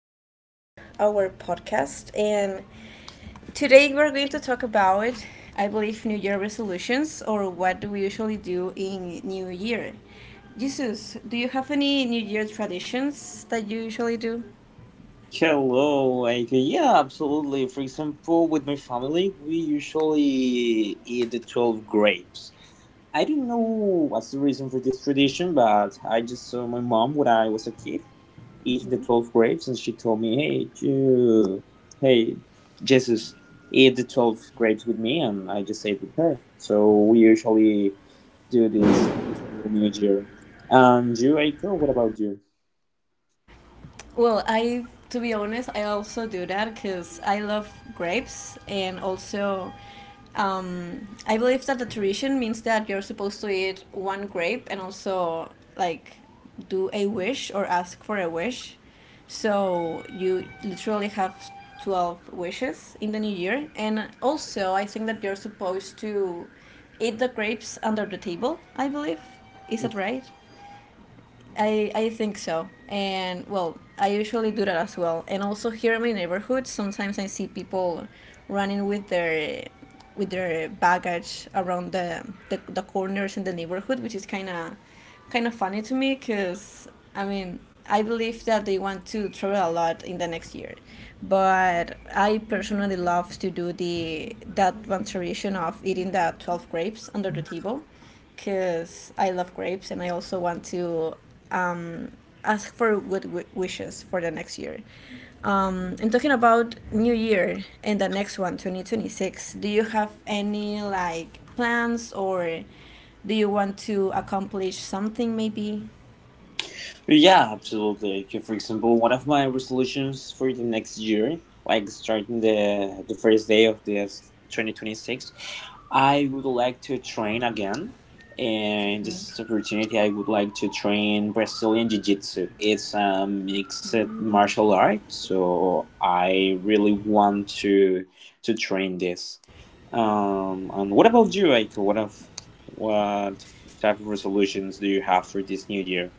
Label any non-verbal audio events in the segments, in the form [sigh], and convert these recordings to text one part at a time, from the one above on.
the Table, our podcast. And today we're going to talk about, I believe, New Year resolutions or what do we usually do in New Year. Jesus, do you have any New Year traditions that you usually do? Hello, Adrian. Yeah, absolutely. For example, with my family, we usually eat the 12 grapes. I don't know what's the reason for this tradition, but I just saw my mom when I was a kid eating the 12 grapes, and she told me, "Hey, you, hey, Jesus, eat the 12 grapes with me," and I just ate with her. So we usually do this every single New Year. And you, Aiko? What about you? Well, I to be honest, I also do that because I love grapes and also. I believe that the tradition means that you're supposed to eat one grape and also like do a wish or ask for a wish. So you literally have 12 wishes in the new year. And also, I think that you're supposed to eat the grapes under the table, I believe. Is that right? I think so. And well, I usually do that as well. And also here in my neighborhood, sometimes I see people running with their baggage around the corners in the neighborhood, which is kind of funny to me because I mean I believe that they want to travel a lot in the next year, but I personally love to do the that one tradition of eating the 12 grapes under the table, because I love grapes and I also want to um, ask for good wishes for the next year. And talking about New Year and the next one, 2026. Do you have any like plans or do you want to accomplish something maybe? Yeah, absolutely. Like, for example, one of my resolutions for the next year, like starting the first day of this 2026, I would like to train again. And this Mhm. opportunity, I would like to train Brazilian Jiu Jitsu. It's a mixed Mm. martial art, so I really want to train this. And what about you, Aiko? What type of resolutions do you have for this new year?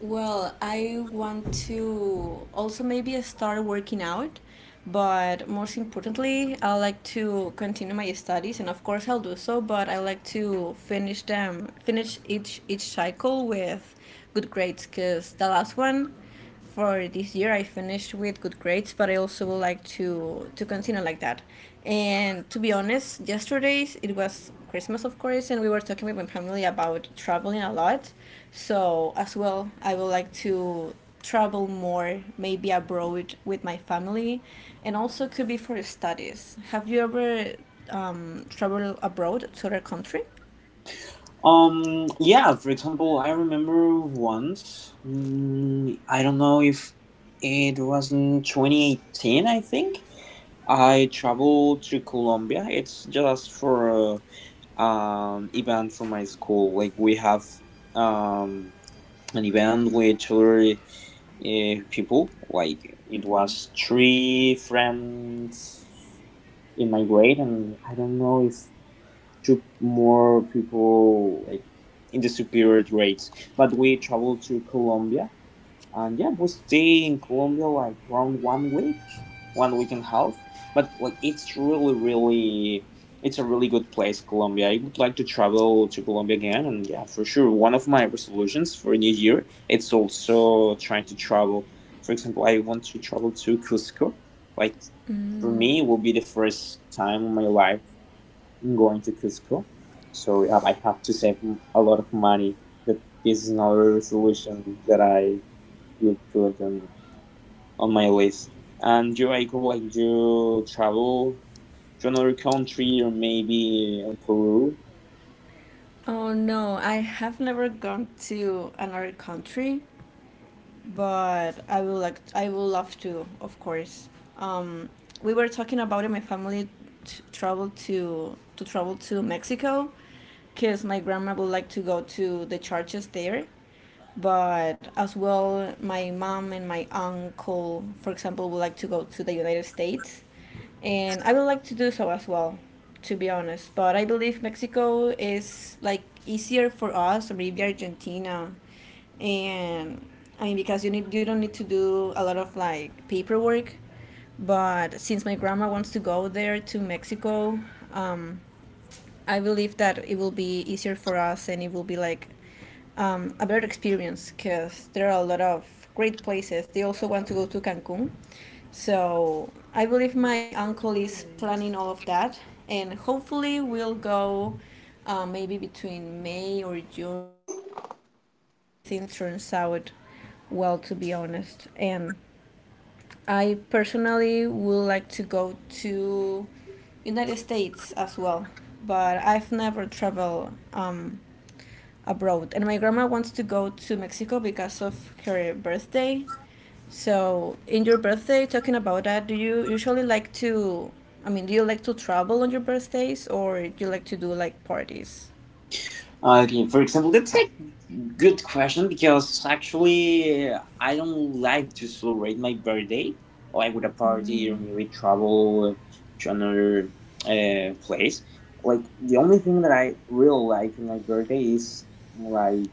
Well, I want to also maybe start working out. But most importantly, I like to continue my studies, and of course I'll do so. But I like to finish them, finish each cycle with good grades, because the last one for this year I finished with good grades, but I also would like to continue like that. And to be honest, yesterday it was Christmas, of course, and we were talking with my family about traveling a lot. So as well, I would like to travel more maybe abroad with my family and also could be for studies. Have you ever traveled abroad to other country? Yeah, for example, I remember once, I don't know if it was in 2018, I think. I traveled to Colombia. It's just for event from my school. Like we have um an event with other people. Like it was three friends in my grade, and I don't know if to more people like in the superior grades. But we traveled to Colombia, and yeah, we stay in Colombia like around 1 week, 1 week and a half. But like it's a really good place, Colombia. I would like to travel to Colombia again, and yeah, for sure, one of my resolutions for New Year, it's also trying to travel. For example, I want to travel to Cusco, like for me it will be the first time in my life I'm going to Cusco. So I have to save a lot of money. That this is another solution that I would put on my list. And you, like you travel to another country or maybe in Peru. Oh no, I have never gone to another country, but I will like I will love to, of course. um, we were talking about it my family, t- travel to travel to Mexico because my grandma would like to go to the churches there, but as well my mom and my uncle for example would like to go to the United States and I would like to do so as well, to be honest. But I believe Mexico is like easier for us, or maybe Argentina. And because you don't need to do a lot of like paperwork, but since my grandma wants to go there to Mexico, um, I believe that it will be easier for us and it will be like a better experience because there are a lot of great places. They also want to go to Cancun. So I believe my uncle is planning all of that and hopefully we'll go, maybe between May or June, I believe, if everything turns out well, to be honest. And I personally would like to go to United States as well, but I've never traveled abroad. And my grandma wants to go to Mexico because of her birthday. So, in your birthday, talking about that, do you usually like to? I mean, do you like to travel on your birthdays, or do you like to do like parties? Okay, for example, let's take Good question, because actually I don't like to celebrate my birthday like with a party or maybe travel to another place. Like the only thing that I really like on my birthday is like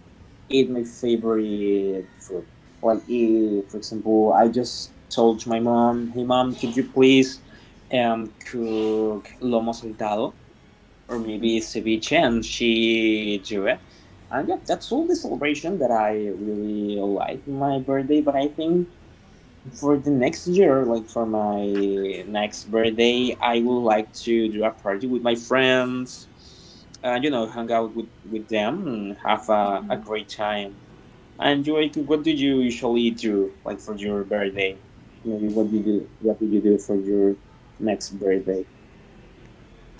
eat my favorite food. Like for example, I just told my mom, "Hey mom, could you please cook lomo saltado?" or maybe Sibi Chen, she drew it. And yeah, that's all the celebration that I really like my birthday. But I think for the next year, like for my next birthday, I would like to do a party with my friends and, you know, hang out with them and have a great time. And you, like, what do you usually do, like for your birthday? Maybe what do you do? What do you do for your next birthday?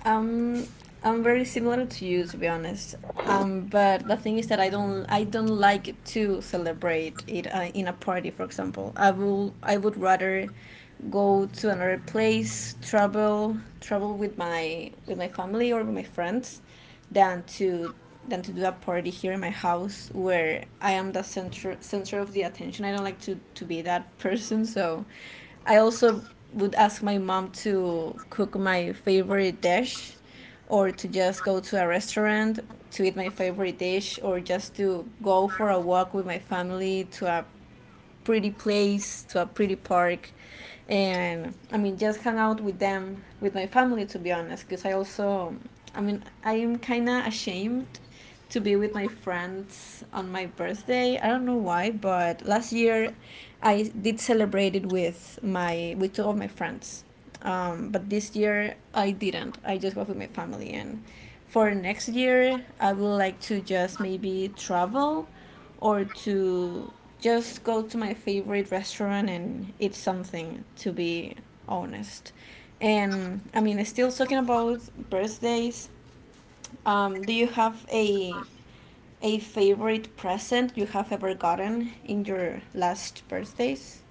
Um, I'm very similar to you, to be honest. But the thing is that I don't like to celebrate it in a party, for example. I would rather go to another place, travel with my family or with my friends, than to than to do a party here in my house where I am the center of the attention. I don't like to be that person, so I also would ask my mom to cook my favorite dish or to just go to a restaurant to eat my favorite dish or just to go for a walk with my family to a pretty place, to a pretty park. And I mean, just hang out with them, with my family, to be honest, because I also, I mean, I am kind of ashamed to be with my friends on my birthday. I don't know why, but last year I did celebrate it with my with two of my friends. But this year I didn't. I just was with my family and for next year I would like to just maybe travel or to just go to my favorite restaurant and eat something, to be honest. And I mean still talking about birthdays. Do you have a favorite present you have ever gotten in your last birthdays?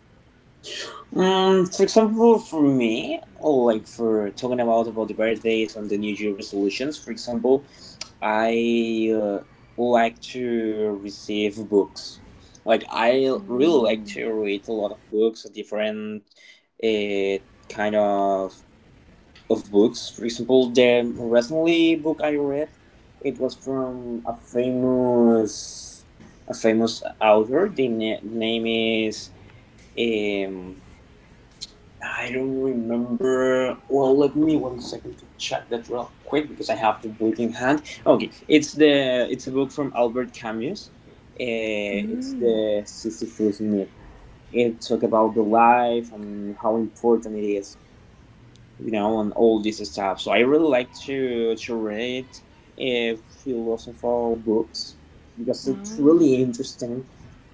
For example, for me, or like for talking about the birthdays and the New Year resolutions, for example, I like to receive books. Like I really like Mm. to read a lot of books, different uh, kind of books. For example, the recently book I read, it was from a famous author. The name is um I don't remember. Well, let me one second to check that real quick because I have the book in hand. Okay, it's a book from Albert Camus. It's Mm. the Sisyphus myth. It talk about the life and how important it is, you know, and all this stuff. So I really like to read uh, philosophical books because it's Oh. really interesting.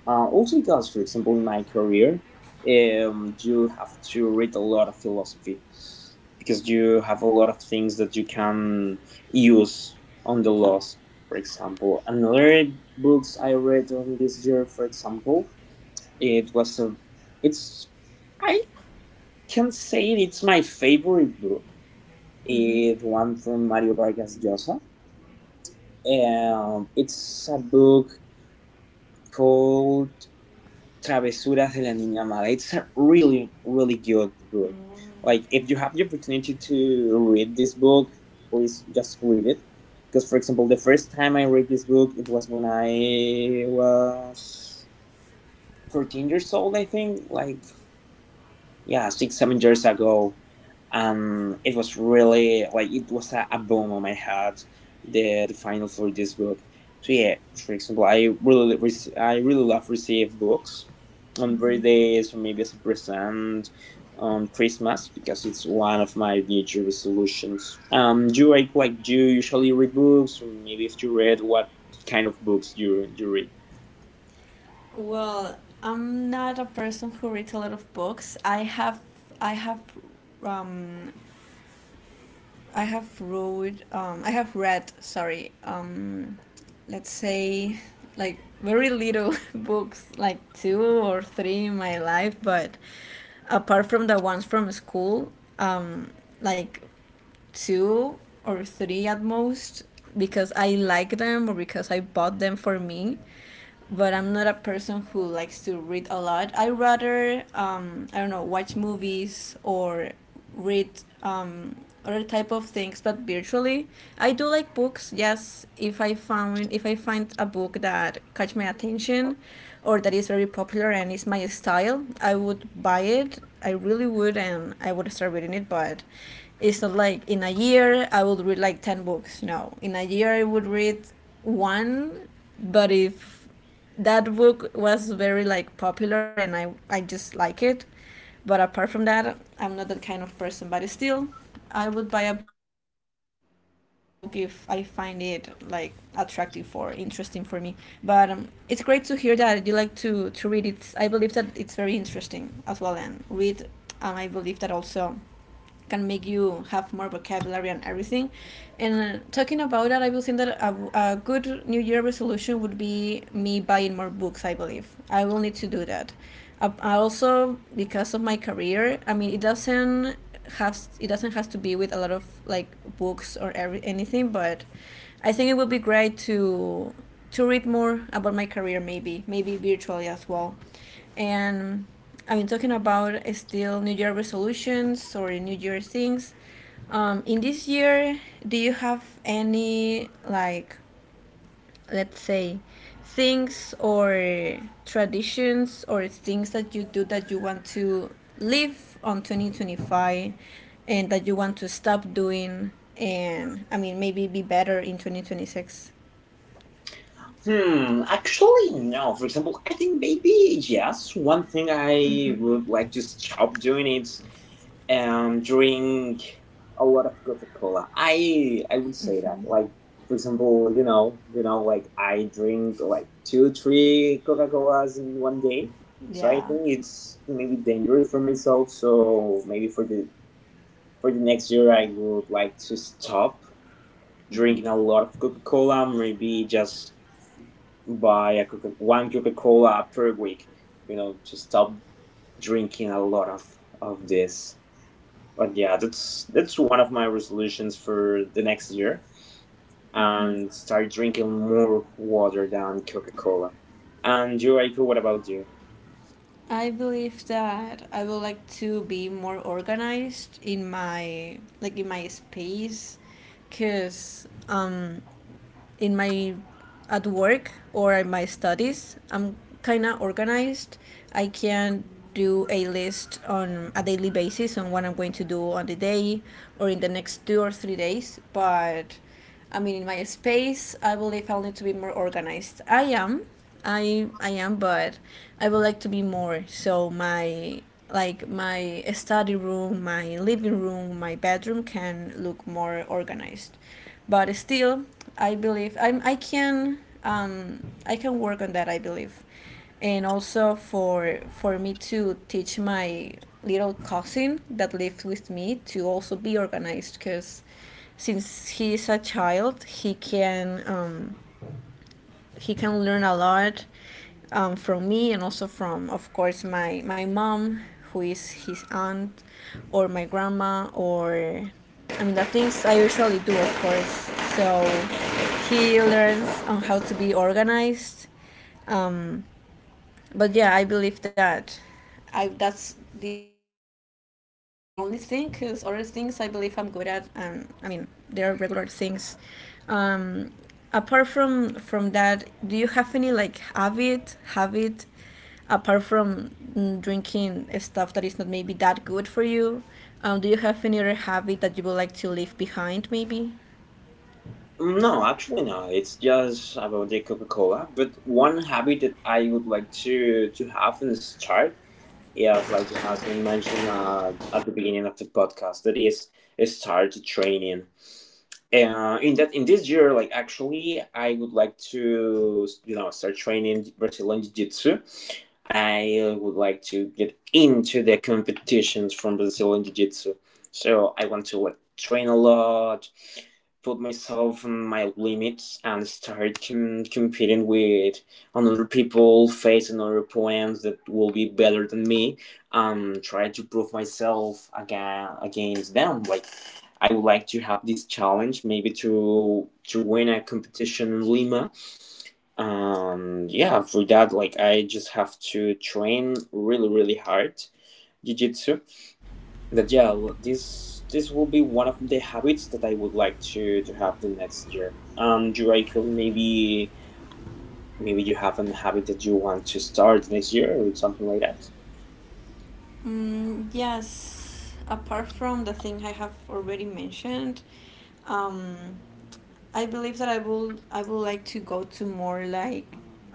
Also because, for example, in my career, you have to read a lot of philosophy because you have a lot of things that you can use on the laws. For example, another books I read on this year, for example, it was a, it's I can say it's my favorite book. Mm-hmm. It's one from Mario Vargas Llosa. It's a book called Travesuras de la Niña Mala. It's a really, really good book. Oh. Like, if you have the opportunity to read this book, please just read it. Because, for example, the first time I read this book, it was when I was 14 years old, I think, like yeah 6 7 years ago, and it was really like it was a boom on my head, the final for this book. So yeah, for example, I really love receive books on Mm-hmm. birthdays or maybe as a present on Christmas, because it's one of my New Year resolutions. Do you like, do you usually read books? Or maybe if you read, what kind of books do you read? Well, I'm not a person who reads a lot of books. I have, I have, um, I have read, I have read. Sorry, let's say, like very little [laughs] books, like two or three in my life. But apart from the ones from school, um, like two or three at most, because I like them or because I bought them for me, but I'm not a person who likes to read a lot. I rather I don't know, watch movies or read um, other type of things, but virtually. I do like books. Yes, if I found if I find a book that catch my attention, or that is very popular and is my style, I would buy it. I really would, and I would start reading it. But it's not like in a year I would read like 10 books. No, in a year I would read one, but if that book was very like popular and I just like it, but apart from that, I'm not that kind of person, but still I would buy a book if I find it like attractive or interesting for me. But it's great to hear that you like to read it. I believe that it's very interesting as well, and read. I believe that also can make you have more vocabulary and everything. And talking about that, I will think that a good New Year resolution would be me buying more books. I believe I will need to do that. I also because of my career, I mean, it doesn't have to be with a lot of like books or anything, but I think it would be great to read more about my career, maybe maybe virtually as well. And I've been talking about still New Year resolutions or New Year things. In this year, do you have any like, let's say, things or traditions or things that you do that you want to live on 2025, and that you want to stop doing, and I mean maybe be better in 2026? Hmm, actually, no. For example, I think maybe yes. One thing I would like to stop doing is drink a lot of Coca Cola. I would say that, like for example, you know, like I drink like two, three Coca Colas in 1 day. So I Yeah. think it's maybe dangerous for myself. So maybe for the next year, I would like to stop Mm-hmm. drinking a lot of Coca Cola. Maybe just one Coca Cola per week. You know, to stop drinking a lot of this. But yeah, that's one of my resolutions for the next year, and start drinking more water than Coca Cola. And you, April, what about you? I believe that I would like to be more organized in my like in my space, cuz in my at work or in my studies I'm kind of organized. I can do a list on a daily basis on what I'm going to do on the day or in the next 2 or 3 days, but I mean in my space I believe I'll need to be more organized. I am, but I would like to be more. So my like my study room, my living room, my bedroom can look more organized. But still, I believe I'm I can I can work on that. I believe, and also for me to teach my little cousin that lives with me to also be organized because since he is a child, he can. He can learn a lot from me and also from, of course, my mom, who is his aunt, or my grandma, or I mean, the things I usually do, of course. So he learns on how to be organized. Um, but yeah, I believe that. I That's the only thing because other things I believe I'm good at, and I mean, there are regular things. Um, Apart from that, do you have any like habit apart from mm, drinking stuff that is not maybe that good for you? Do you have any other habit that you would like to leave behind, maybe? No, actually, no. It's just about the Coca Cola. But one habit that I would like to have and start, yes, like as I mentioned at the beginning of the podcast, that is start training in this year, like actually I would like to, you know, start training Brazilian Jiu-Jitsu, and I would like to get into the competitions from Brazilian Jiu-Jitsu. So I want to like train a lot, put myself on my limits, and start competing with another people, face another opponents that will be better than me, and try to prove myself again against them. Like, I would like to have this challenge, maybe to win a competition in Lima. Yeah, for that, like I just have to train really, really hard jiu-jitsu. This this will be one of the habits that I would like to have the next year. You, Rachel, maybe you have an habit that you want to start next year or something like that. Mm, yes. Apart from the thing I have already mentioned, um, I believe that I would like to go to more like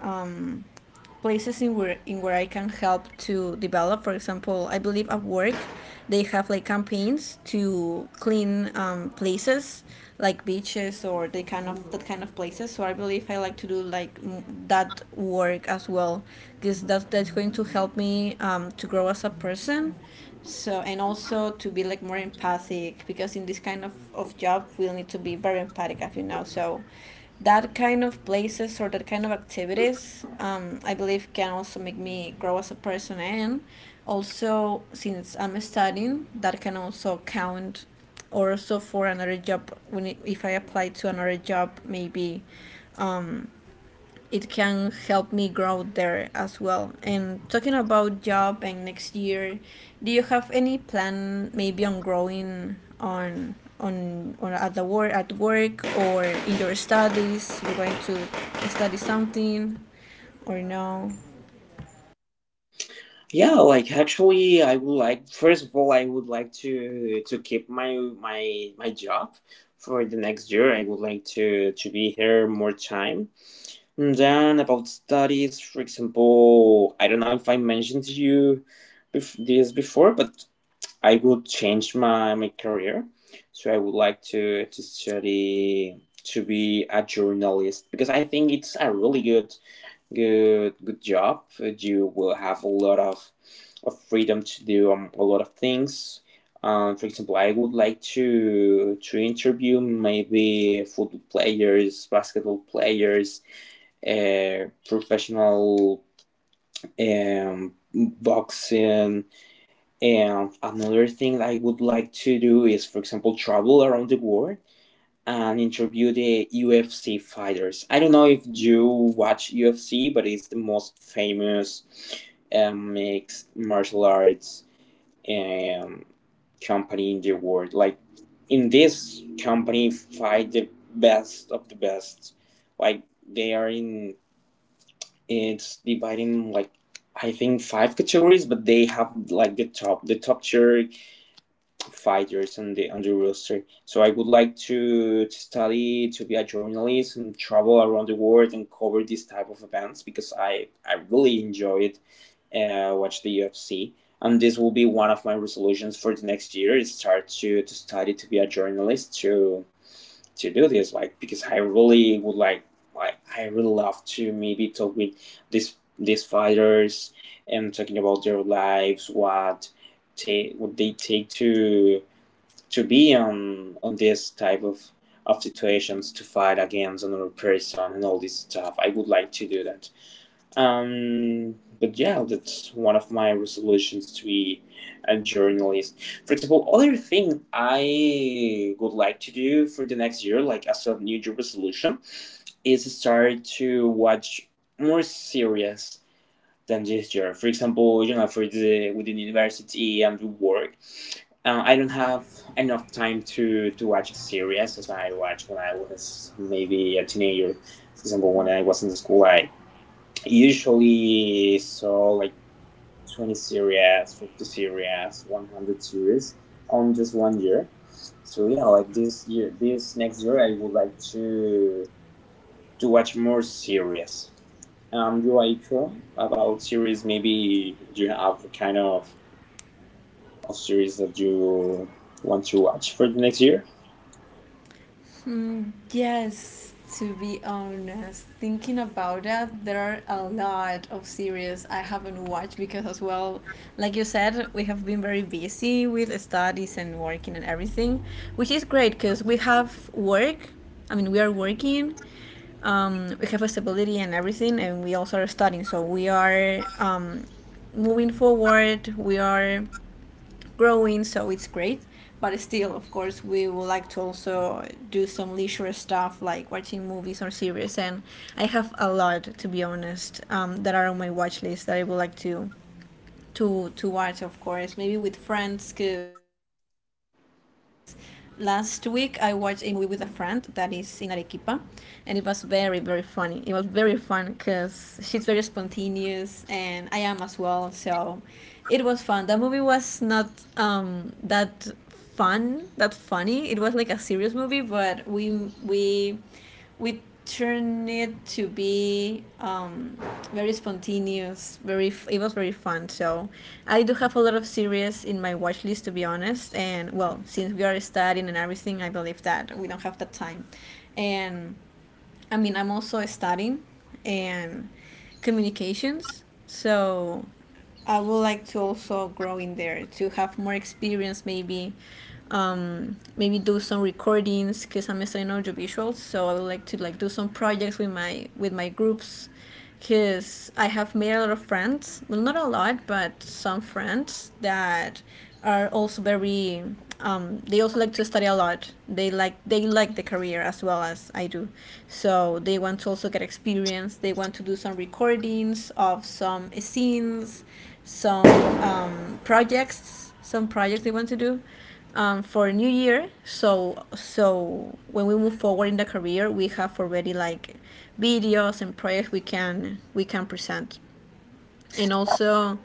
um places in where I can help to develop. For example, I believe at work they have like campaigns to clean places like beaches or the kind of that kind of places. So I believe I like to do like that work as well because that's going to help me to grow as a person. So and also to be like more empathic because in this kind of job we'll need to be very empathic as you know. So that kind of places or that kind of activities, I believe can also make me grow as a person and also since I'm studying that can also count or also for another job if I apply to another job maybe, um, it can help me grow there as well. And talking about job and next year, do you have any plan maybe on growing on at the work at work or in your studies? You're going to study something or no? Yeah, like actually, I would like, first of all, I would like to keep my my job for the next year. I would like to be here more time. And then about studies, for example, I don't know if I mentioned to you this before, but I would change my career. So I would like to, study to be a journalist because I think it's a really good good job. You will have a lot of freedom to do a lot of things. For example, I would like to interview maybe football players, basketball players, professional boxing. And another thing I would like to do is, for example, travel around the world and interview the UFC fighters. I don't know if you watch UFC, but it's the most famous mixed martial arts um, company in the world. Like, in this company, fight the best of the best. Like they are in It's dividing like I think five categories, but they have like the top tier fighters on the roster. So I would like to, study to be a journalist and travel around the world and cover this type of events, because I really enjoyed watch the UFC. And this will be one of my resolutions for the next year, is start to study to be a journalist to do this, like because I really would like, I really love to maybe talk with these fighters and talking about their lives, what take what they take to be on this type of situations, to fight against another person and all this stuff. I would like to do that. But yeah, that's one of my resolutions, to be a journalist. For example, other thing I would like to do for the next year, like as a New Year resolution, is start to watch more serious than this year. For example, you know, for the within university and work, I don't have enough time to watch series as I watched when I was maybe a teenager. For example, when I was in school, I usually saw like 20 series, 50 series, 100 series on just 1 year. So yeah, like this year, this next year, I would like to watch more series. You are sure about series? Maybe you have a kind of series that you want to watch for the next year? Mm, yes, to be honest, thinking about it, there are a lot of series I haven't watched because, as well, like you said, we have been very busy with studies and working and everything, which is great because we have work. I mean, we are working, we have a stability and everything, and we also are studying. So we are, moving forward. We are growing, so it's great. But still, of course, we would like to also do some leisure stuff like watching movies or series. And I have a lot, to be honest, that are on my watch list that I would like to watch, of course, maybe with friends, because last week I watched a movie with a friend that is in Arequipa, and it was very very funny. It was very fun because she's very spontaneous, and I am as well. So it was fun. That movie was not that fun, that funny. It was like a serious movie, but we turned it to be, very spontaneous. Very, it was very fun. So I do have a lot of series in my watch list, to be honest. And well, since we are studying and everything, I believe that we don't have that time. And I mean, I'm also studying and communications. So I would like to also grow in there to have more experience, maybe, maybe do some recordings because I'm studying audiovisuals. So I would like to like do some projects with my groups, because I have made a lot of friends. Well, not a lot, but some friends that are also very, they also like to study a lot, they like the career as well as I do. So they want to also get experience, they want to do some recordings of some scenes, some, projects, some projects they want to do for a new year, so so when we move forward in the career we have already like videos and projects we can present. And also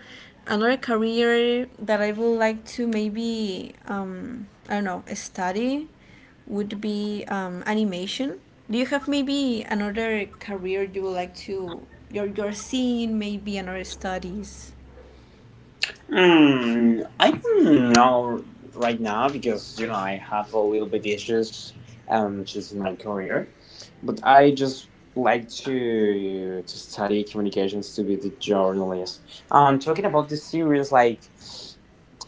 another career that I would like to maybe, I don't know, study would be, animation. Do you have maybe another career you would like to, your scene maybe another studies? I don't know right now because you know I have a little bit issues just in my career, but I just like to study communications to be the journalist. Talking about the series, like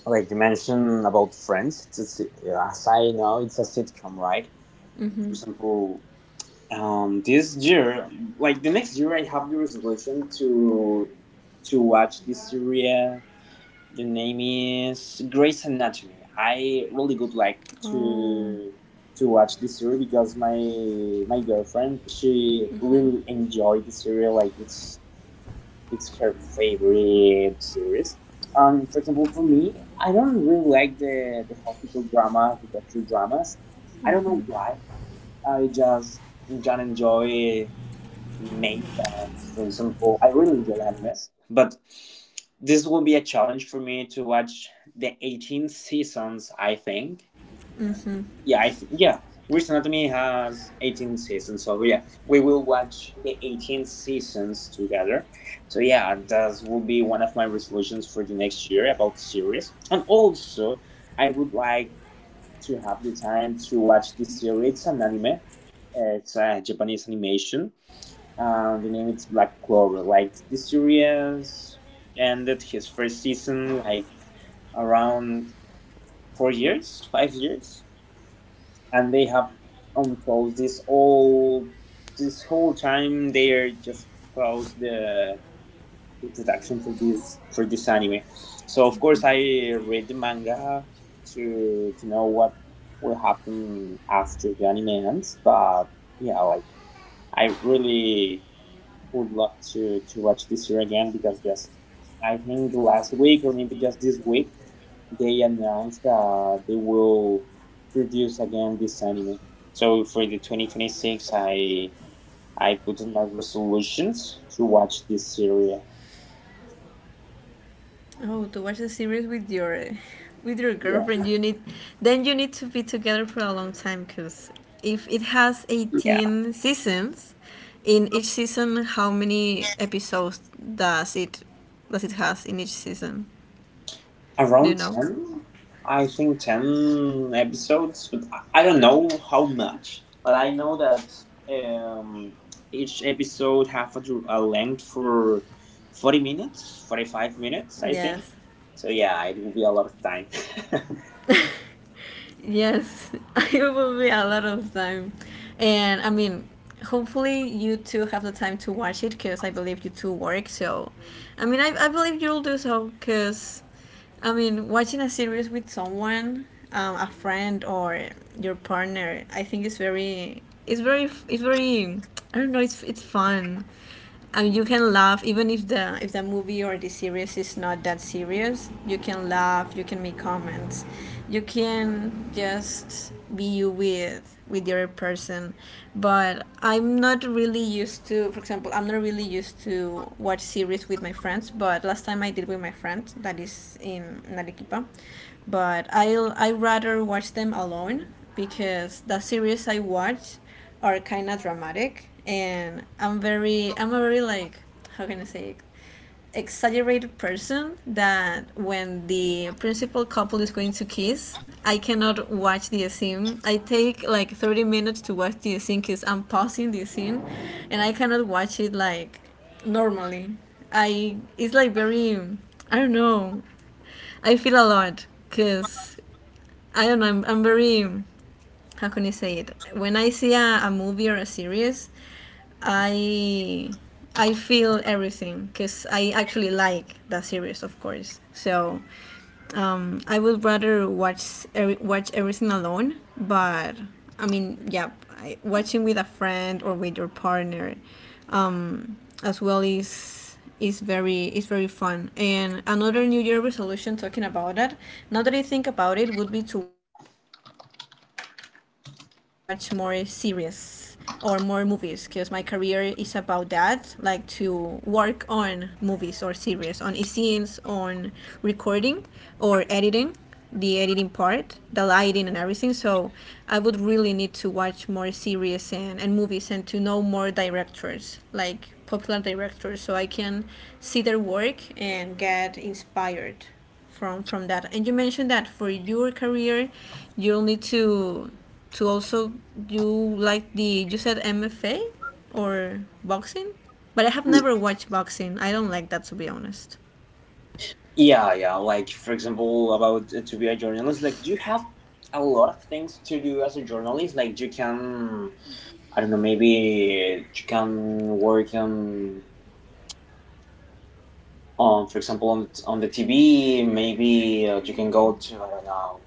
you mentioned about Friends, it's a, si, as I know, it's a sitcom, right? For Mm-hmm. example, this year, like the next year, I have the resolution to watch this series. The name is Grey's Anatomy. I really would like Oh. to watch this series because my girlfriend she Mm-hmm. really enjoyed this series. Like it's her favorite series. For example, for me, I don't really like the hospital dramas, the doctor dramas. I don't know why. I just enjoy maybe for example I really enjoy animes, but this will be a challenge for me to watch the 18 seasons. I think. Yeah. Grey's Anatomy has 18 seasons, so yeah, we will watch the 18 seasons together. So yeah, that will be one of my resolutions for the next year about series, and also I would like to have the time to watch this series. It's an anime. It's a Japanese animation. The name is Black Clover. Like this series ended his first season like around 4 years, 5 years, and they have on pause this whole time. They are just pause the production for this anime. So of course I read the manga to know what will happen after the anime ends. But yeah, like I really would love to watch this year again because just I think the last week or maybe just this week they announced that they will produce again this anime. So for the 2026, I put in my resolutions to watch this series. Oh, to watch a series with your [laughs] with your Yeah, girlfriend, you need, then you need to be together for a long time because if it has yeah. 18 seasons, in each season how many episodes does it has in each season? Do you Around know? 10, I think 10 episodes but I don't know how much but I know that um, each episode have a, a length for 40 minutes, 45 minutes I think. Yes. So yeah, it will be a lot of time. [laughs] Yes, [laughs] it will be a lot of time. And I mean, hopefully you two have the time to watch it because I believe you two work. So, I mean, I believe you'll do so because, I mean, watching a series with someone, a friend or your partner, I think it's very, I don't know, it's fun and you can laugh even if the movie or the series is not that serious. You can laugh, you can make comments, you can just be you with the other person. But I'm not really used to, for example, I'm not really used to watch series with my friends, but last time I did with my friend that is in Arequipa. But I rather watch them alone because the series I watch are kind of dramatic, and I'm a very like, how can I say it? Exaggerated person that when the principal couple is going to kiss, I cannot watch the scene. I take like 30 minutes to watch the scene because I'm pausing the scene, and I cannot watch it like normally. I it's like very, I don't know. I feel a lot because I don't know. I'm very, how can you say it? When I see a movie or a series, I I feel everything because I actually like that series, of course. So, I would rather watch everything alone. But I mean, yeah, I, watching with a friend or with your partner, um, as well is very fun. And another New Year resolution talking about that, now that I think about it, would be to watch more series or more movies because my career is about that, like to work on movies or series, on scenes, on recording or editing, the editing part, the lighting and everything. So I would really need to watch more series and movies, and to know more directors, like popular directors, so I can see their work and get inspired from that. And you mentioned that for your career, you'll need to also do like the you said MFA or boxing, but I have never [laughs] watched boxing. I don't like that, to be honest. Yeah, like for example about to be a journalist like you have a lot of things to do as a journalist. Like you can, I don't know, maybe you can work on, for example, on the TV, maybe you can go to, I don't know,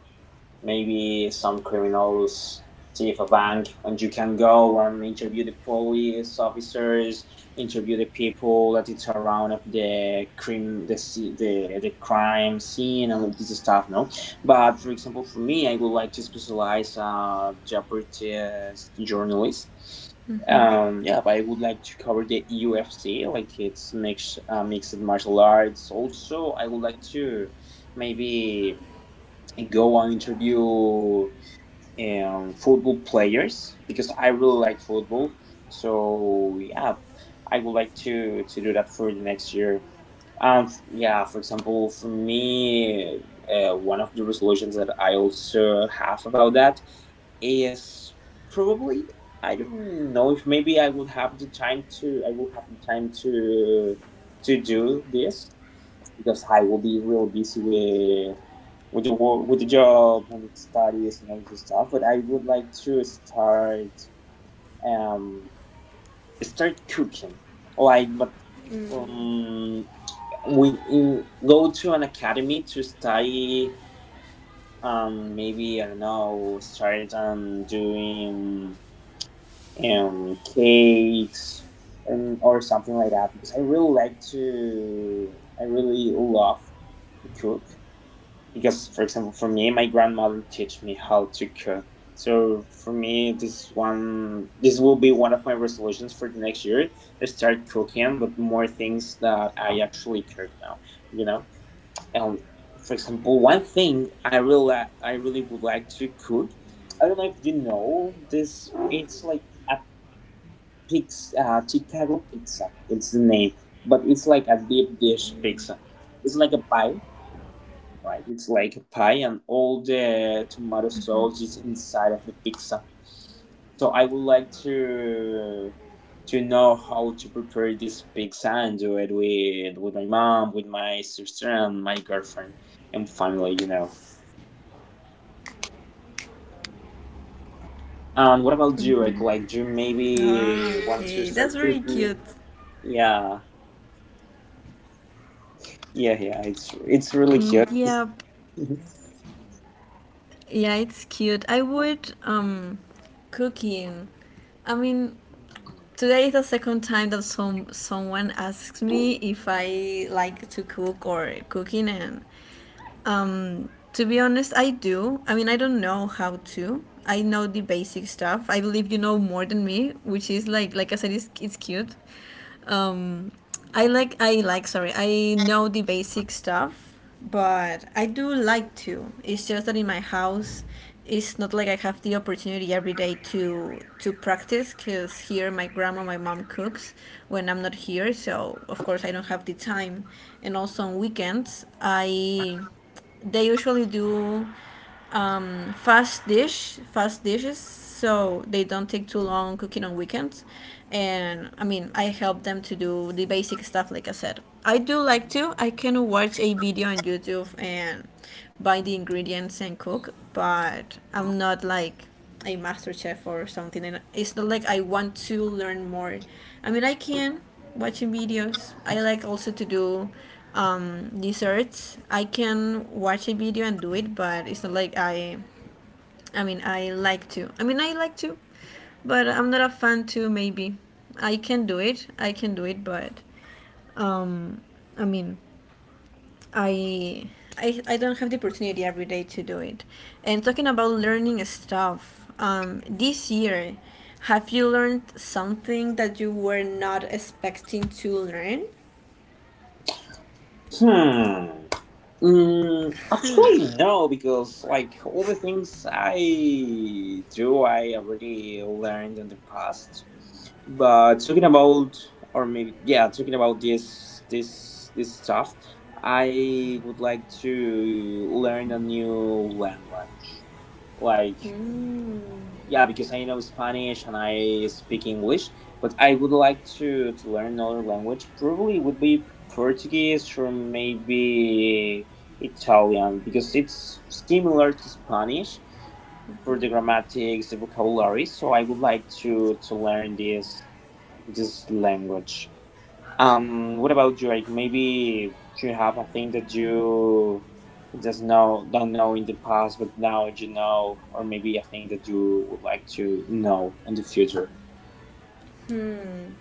maybe some criminals thief a bank, and you can go and interview the police officers, interview the people that it's around of the crime, the the crime scene, and all this stuff. No, but for example, for me, I would like to specialize Japanese journalist. Yeah, but I would like to cover the UFC, like it's mixed mixed martial arts. Also, I would like to maybe go and interview football players because I really like football. So yeah, I would like to do that for the next year. Um, yeah, for example, for me, one of the resolutions that I also have about that is probably I don't know if maybe I would have the time to, I will have the time to do this because I will be real busy with the work, with the job and studies and all this stuff. But I would like to start um start cooking, like but um we in, go to an academy to study, maybe I don't know start doing cakes and or something like that because I really like to, I really love cook, because for example for me my grandmother teach me how to cook. So for me this one this will be one of my resolutions for the next year is start cooking but more things that I actually cook now, you know. And for example one thing I really I really would like to cook, I don't know if you know this, it's like a pizza, chicago pizza it's the name, but it's like a deep dish pizza. It's like a pie, right? It's like a pie, and all the tomato sauce is inside of the pizza. So I would like to know how to prepare this pizza and do it with my mom, with my sister, and my girlfriend and family. You know. Mm-hmm. Ah, okay. That's And what very about you? cute. Like, do you maybe want to start cooking? Yeah, Mm, yeah, yeah, yeah. It's really cute. It's- [laughs] yeah, it's cute. I would, cooking. I mean, today is the second time that someone asks me if I like to cook or cooking. And, to be honest, I do. I mean, I don't know how to. I know the basic stuff. I believe you know more than me, which is like I said, it's cute. um, I like, sorry, I know the basic stuff, but I do like to. It's just that in my house, it's not like I have the opportunity every day to practice because here my grandma, my mom cooks when I'm not here, so of course I don't have the time. And also on weekends, I they usually do, fast dish, fast dishes, so they don't take too long cooking on weekends. And I mean, I help them to do the basic stuff, like I said. I do like to. I can watch a video on YouTube and buy the ingredients and cook, but I'm not like a master chef or something, and it's not like I want to learn more. I mean I can, watching videos, I like also to do, desserts. I can watch a video and do it, but it's not like I mean I like to, but I'm not a fan too maybe. I can do it, but, um I mean, I, I don't have the opportunity every day to do it. And talking about learning stuff, this year, have you learned something that you were not expecting to learn? Hmm. Mm, actually, no, because like all the things I do, I already learned in the past. But talking about, or maybe yeah, talking about this stuff, I would like to learn a new language, like Hmm. yeah, because I know Spanish and I speak English, but I would like to, learn another language. Probably would be Portuguese or maybe Italian because it's similar to Spanish for the grammatics, the vocabulary. So I would like to, learn this language. What about you? Like maybe you have a thing that you just know don't know in the past, but now you know, or maybe a thing that you would like to know in the future. Hmm.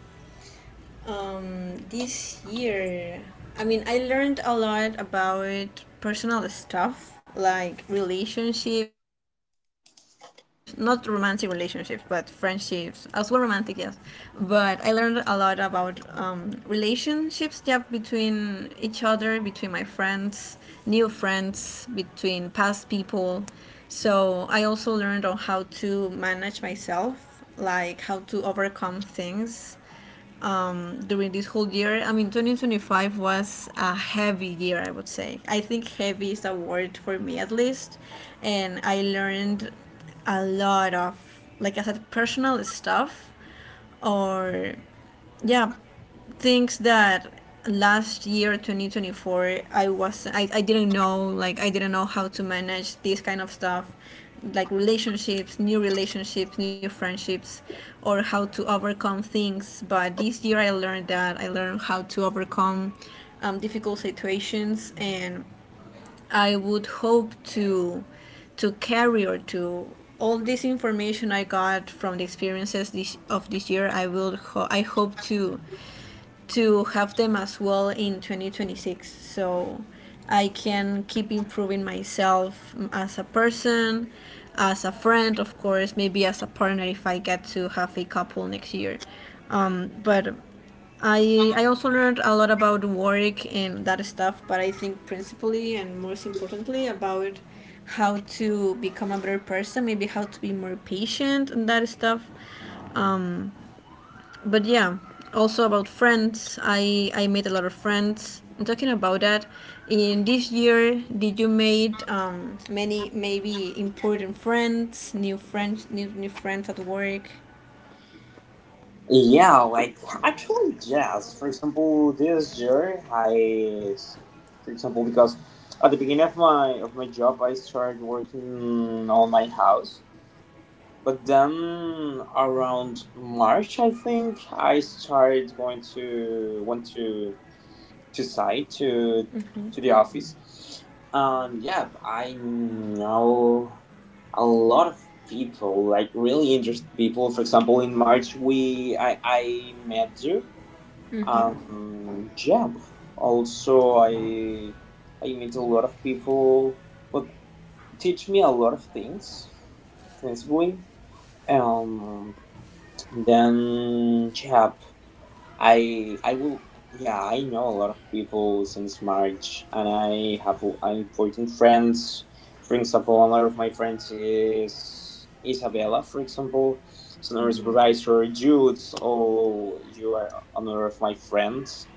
This year, I mean, I learned a lot about personal stuff like relationships, not romantic relationships, but friendships, as well romantic, yes. But I learned a lot about, relationships, yeah, between each other, between my friends, new friends, between past people. So I also learned on how to manage myself, like how to overcome things, during this whole year. I mean, 2025 was a heavy year, I would say. I think heavy is a word for me at least. And I learned a lot of, like I said, personal stuff or, yeah, things that last year 2024 I didn't know, like I didn't know how to manage this kind of stuff, like relationships, new relationships, new friendships, or how to overcome things. But this year I learned that, I learned how to overcome, difficult situations. And I would hope to carry or to, all this information I got from the experiences this, of this year. I will I hope to have them as well in 2026. So I can keep improving myself, mm, as a person, as a friend, of course, maybe as a partner if I get to have a couple next year. But I also learned a lot about work and that stuff, but I think principally and most importantly about how to become a better person, maybe how to be more patient and that stuff. Um, but yeah, also about friends. I made a lot of friends. And talking about that, in this year, did you made, many maybe important friends, new friends, new friends at work? Yeah, like actually, yes. For example, this year for example, because at the beginning of my job I started working on my house, but then around March I think I started going to want to site to the office, and yeah I know a lot of people, like really interested people. For example, in March we i met you, yeah. Also I meet a lot of people but teach me a lot of things principally, um then yeah, I will yeah, I know a lot of people since March and I have important friends. For example, another of my friends is Isabella, for example. It's another supervisor, Jude, or you are another of my friends.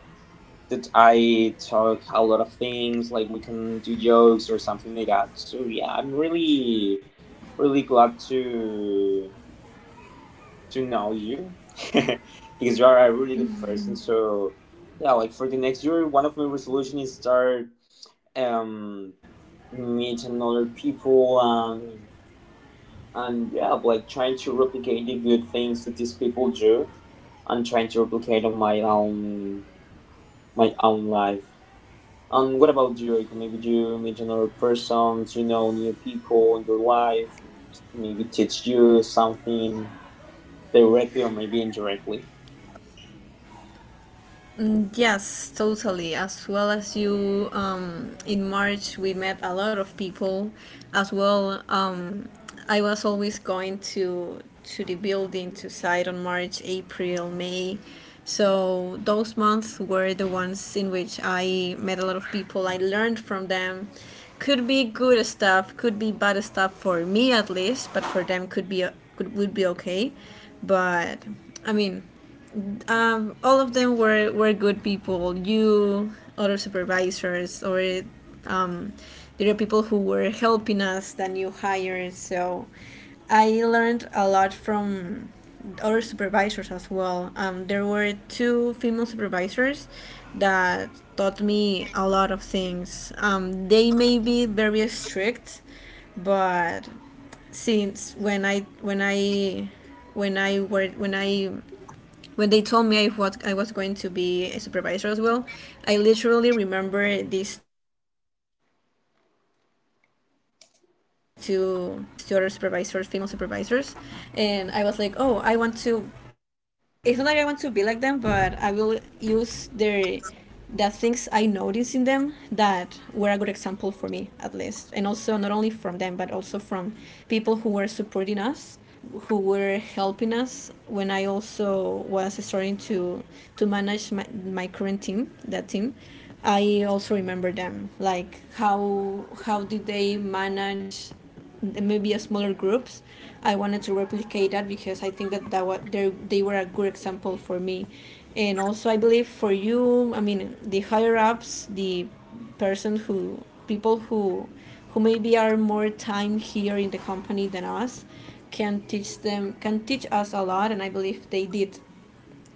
That I talk a lot of things, like we can do jokes or something like that. So yeah, I'm really glad to know you [laughs] because you are a really good person. So yeah, like for the next year, one of my resolution is start um meet another people, and yeah, like trying to replicate the good things that these people do and trying to replicate on my own life. And what about you? Like maybe you meet another person, you know new people in your life, maybe teach you something directly or maybe indirectly. Mm, yes, totally. As well as you, in March we met a lot of people. As well, um, I was always going to the building to site on March, April, May. So those months were the ones in which I met a lot of people. I learned from them. Could be good stuff, could be bad stuff for me at least, but for them could be could would be okay. But I mean, all of them were good people. You, other supervisors, or um, there are people who were helping us that you hired. So I learned a lot from other supervisors as well. There were two female supervisors that taught me a lot of things. They may be very strict, but since when I when I when I were when I when they told me I, what I was going to be a supervisor as well, I literally remember these two other supervisors, female supervisors, and I was like, oh, I want to. It's not like I want to be like them, but I will use their the things I noticed in them that were a good example for me, at least. And also, not only from them, but also from people who were supporting us, who were helping us when I also was starting to manage my current team, that team. I also remember them, like how did they manage maybe a smaller groups. I wanted to replicate that because I think that what they were a good example for me, and also I believe for you. I mean, the higher ups, the person who people who maybe are more time here in the company than us can teach us a lot, and I believe they did.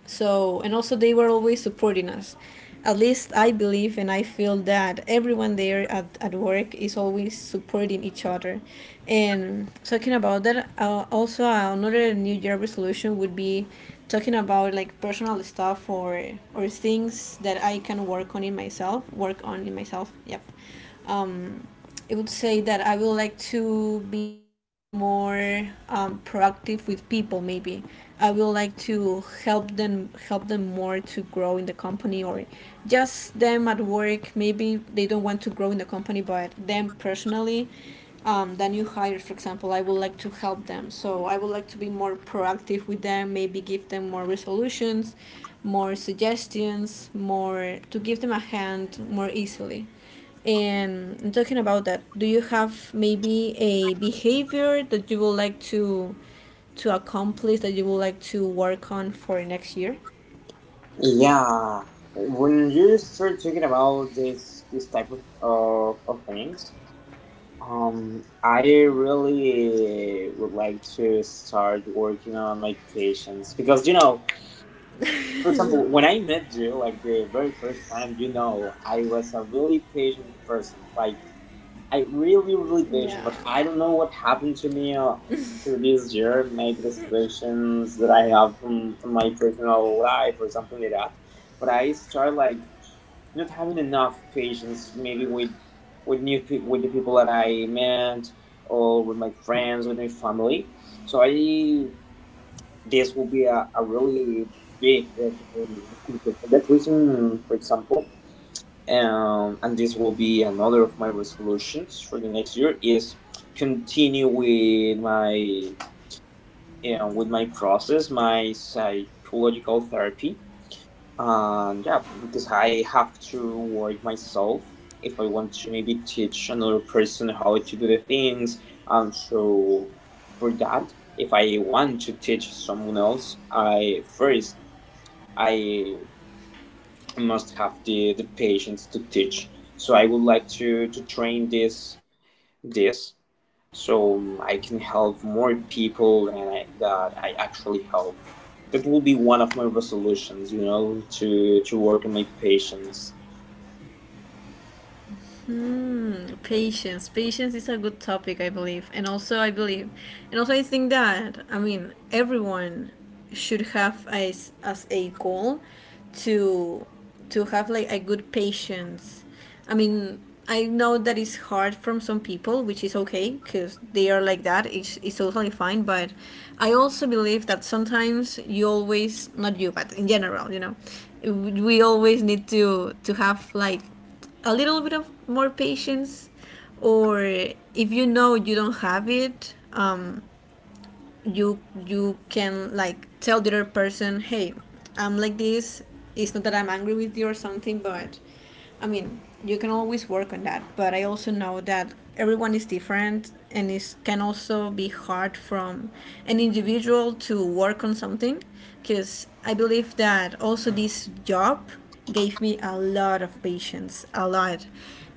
So, and also they were always supporting us. At least I believe and I feel that everyone there at work is always supporting each other. And talking about that, also another New Year resolution would be talking about like personal stuff or things that I can work on in myself, Yep. um, I would say that I would like to be more proactive with people. Maybe I would like to help them more to grow in the company, or just them at work. Maybe they don't want to grow in the company, but them personally, the new hires, for example, I would like to help them. So I would like to be more proactive with them. Maybe give them more resolutions, more suggestions, more to give them a hand more easily. And I'm talking about that, do you have maybe a behavior that you would like to accomplish that you would like to work on for next year? Yeah, when you start talking about this type of things, I really would like to start working on my patience because you know, for example, when I met you, like the very first time, you know, I was a really patient person, like I really patient, but Yeah. I don't know what happened to me. Through this year, maybe the situations that I have from, my personal life or something like that, but I start like not having enough patience maybe with new people, with the people that I met or with my friends, with my family. So I this will be a, really big issue for me, and so for that reason for example and this will be another of my resolutions for the next year is continue with my, you know, with my process, my psychological therapy, and yeah, because I have to work myself if I want to maybe teach another person how to do the things. And so for that, if I want to teach someone else, I first I must have the patience to teach. So I would like to train this so I can help more people and that I actually help. That will be one of my resolutions, you know, to work on my patience. Hmm, patience. Patience is a good topic, I believe. And also, I think that, I mean, everyone should have as a goal to to have like a good patience. I mean, I know that it's hard from some people, which is okay because they are like that. It's totally fine. But I also believe that sometimes you always, not you, but in general, you know, we always need to have like a little bit of more patience, or if you know you don't have it, you you can like tell the other person, hey, I'm like this. It's not that I'm angry with you or something, but I mean, you can always work on that. But I also know that everyone is different, and it can also be hard from an individual to work on something. Because I believe that also this job gave me a lot of patience, a lot.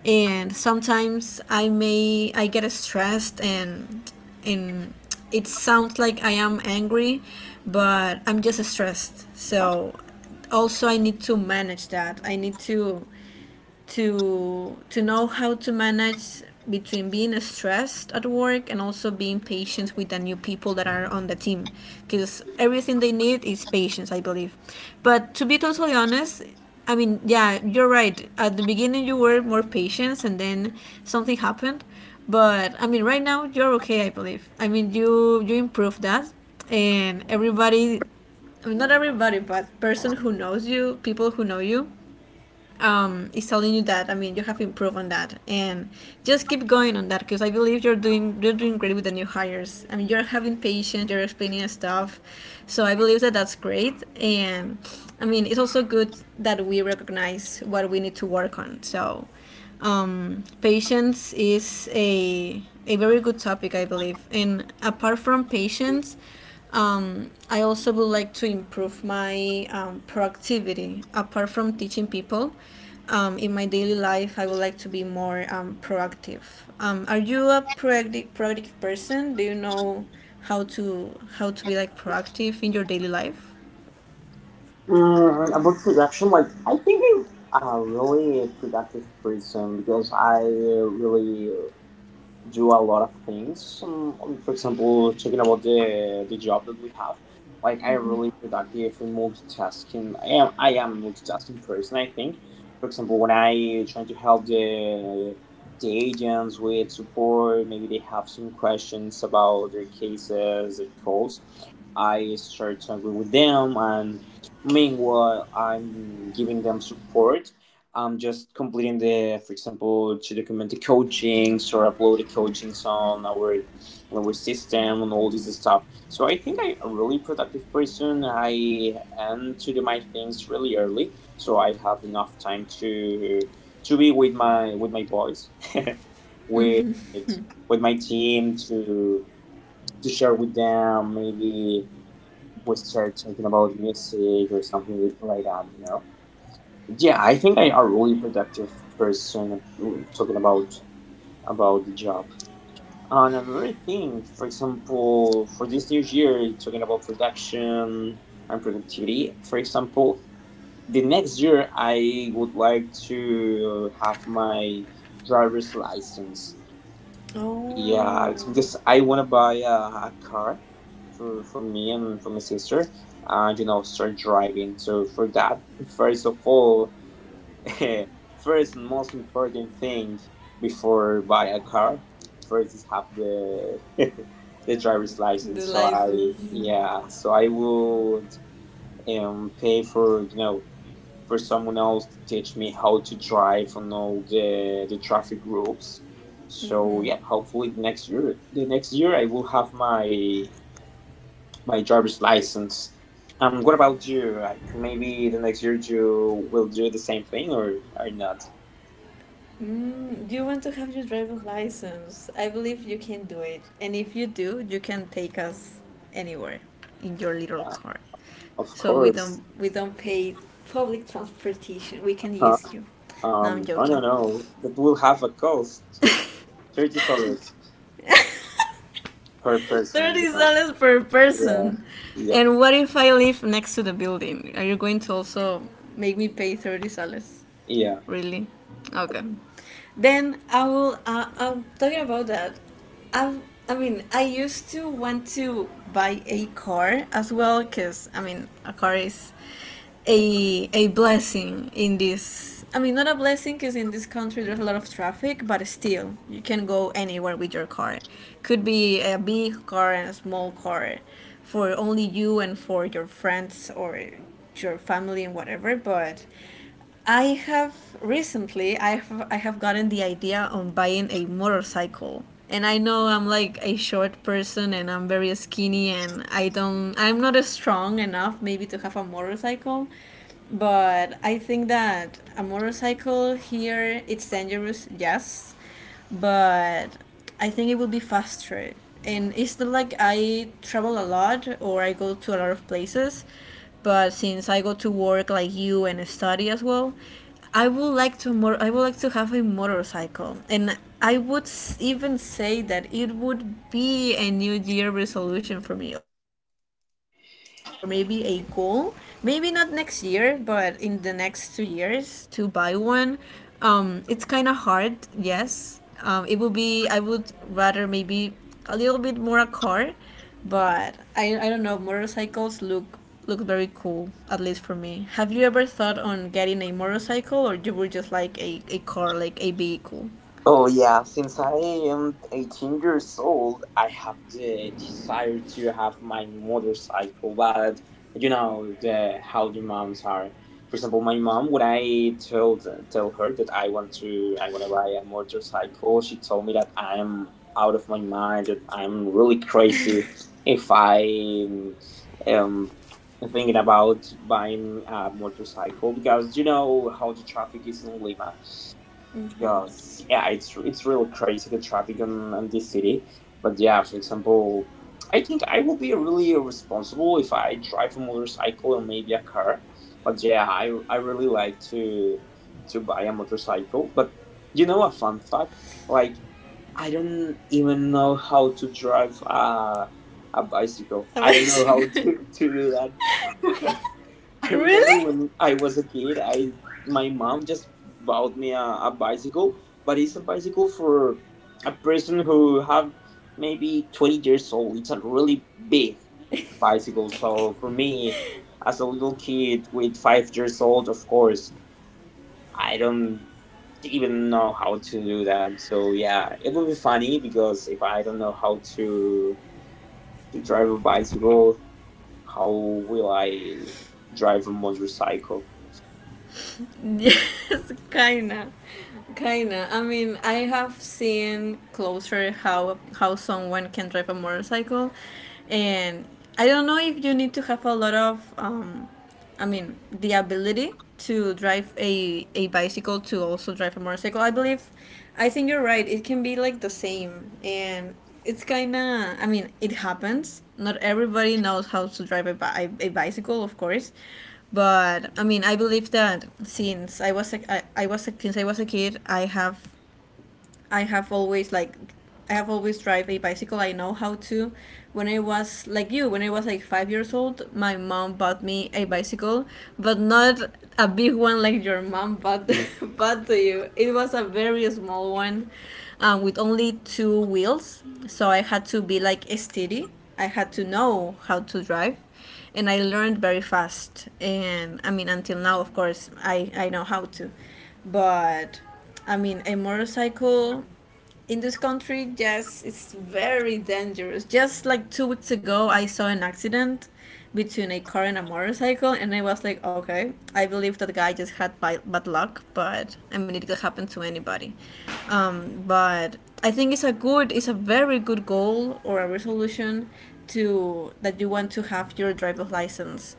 And sometimes I get stressed, and it sounds like I am angry, but I'm just stressed. So also I need to manage that. I need to to know how to manage between being stressed at work and also being patient with the new people that are on the team, because everything they need is patience, I believe. But to be totally honest, I mean, yeah, you're right, at the beginning you were more patient and then something happened. But I mean, right now you're okay, I believe. I mean, you improved that, and everybody, I mean, not everybody, but person who knows you, people who know you, is telling you that. I mean, you have improved on that, and just keep going on that because I believe you're doing great with the new hires. I mean, you're having patience, you're explaining stuff, so I believe that that's great. And I mean, it's also good that we recognize what we need to work on. So, patience is a very good topic, I believe. And apart from patience, I also would like to improve my proactivity. Apart from teaching people, in my daily life, I would like to be more proactive. Are you a proactive person? Do you know how to be like proactive in your daily life? Mm, about production, like I think I'm a really productive person because I really do a lot of things. For example, talking about the job that we have, like I'm really productive in multitasking. I am multitasking person. I think, for example, when I try to help the agents with support, maybe they have some questions about their cases, their calls. I start to agree with them, and meanwhile, I'm giving them support. I'm just completing the, for example, to document the coachings or upload the coachings on our system and all this stuff. So I think I'm a really productive person. I end to do my things really early, so I have enough time to be with my boys, [laughs] with my team to share with them maybe we start talking about music or something like that, you know. Yeah, I think I am a really productive person talking about the job. And another thing, for example, for this new year, talking about production and productivity, for example, the next year I would like to have my driver's license. Yeah, Oh, it's because I want to buy a car for me and for my sister, and you know start driving. So for that, first of all, [laughs] first and most important thing before buy a car, first is have the [laughs] the driver's license. the So I license. Yeah, so I would pay for for someone else to teach me how to drive on all the traffic rules. So yeah, hopefully the next year I will have my driver's license. What about you? Like maybe the next year you will do the same thing or not? Mm, do you want to have your driver's license? I believe you can do it. And if you do, you can take us anywhere in your little car. Of So course. We don't pay public transportation. We can Huh? use you. No, I'm I joking. don't know, that will have a cost. $30 per [laughs] person, you Thirty know. dollars per Yeah. person. Yep. And what if I live next to the building? Are you going to also make me pay $30? Yeah. Really? Okay. Then I will. I'm talking about that. I. I mean, I used to want to buy a car as well, cause I mean, a car is a blessing in this. I mean, not a blessing, cause in this country there's a lot of traffic, but still, you can go anywhere with your car. Could be a big car and a small car, for only you and for your friends or your family and whatever. But I have recently I have gotten the idea on buying a motorcycle. And I know I'm like a short person and I'm very skinny and I'm not strong enough maybe to have a motorcycle. But I think that a motorcycle here it's dangerous, yes, but I think it would be faster. And it's not like I travel a lot or I go to a lot of places, but since I go to work like you and study as well, I would like to more. I would like to have a motorcycle, and even say that it would be a New Year resolution for me, or maybe a goal. Maybe not next year, but in the next two years to buy one. It's kind of hard, yes, it would be I would rather maybe a little bit more a car, but I don't know, motorcycles look very cool at least for me. Have you ever thought on getting a motorcycle, or you were just like a car like a vehicle? Oh yeah, since I am 18 years old, I have the desire to have my motorcycle, but you know the how the moms are. For example, my mom, when I told tell her that I want to buy a motorcycle, she told me that I'm out of my mind, that I'm really crazy if I um thinking about buying a motorcycle, because you know how the traffic is in Lima, because yeah, it's really crazy the traffic on this city. But yeah, for example, I think I will be really irresponsible if I drive a motorcycle or maybe a car. But yeah, I really like to buy a motorcycle. But you know, a fun fact, like I don't even know how to drive a bicycle. I don't know how [laughs] to do that. [laughs] [laughs] I remember Really? when I was a kid, I my mom just bought me a bicycle, but it's a bicycle for a person who have maybe 20 years old. It's a really big bicycle. So for me, as a little kid with 5 years old, of course, I don't even know how to do that. So yeah, it would be funny because if I don't know how to drive a bicycle, how will I drive a motorcycle? Yes, kinda. Kinda. I mean, I have seen closer how someone can drive a motorcycle, and I don't know if you need to have a lot of, I mean, the ability to drive a bicycle to also drive a motorcycle. I believe, I think you're right. It can be like the same, and it's kind of, I mean, it happens, not everybody knows how to drive a bicycle, of course, but I mean, I believe that since I was a kid, I have always like I have always drive a bicycle. I know how to. When I was like you, when I was like five years old, my mom bought me a bicycle, but not a big one like your mom bought [laughs] [laughs] bought to you. It was a very small one, with only two wheels. So I had to be like steady. I had to know how to drive, and I learned very fast. And I mean, until now, of course, I know how to, but I mean, a motorcycle in this country, yes, it's very dangerous. Just like two weeks ago, I saw an accident between a car and a motorcycle, and I was like, okay, I believe that guy just had bad luck, but I mean, it could happen to anybody. But I think it's it's a very good goal or a resolution to that you want to have your driver's license.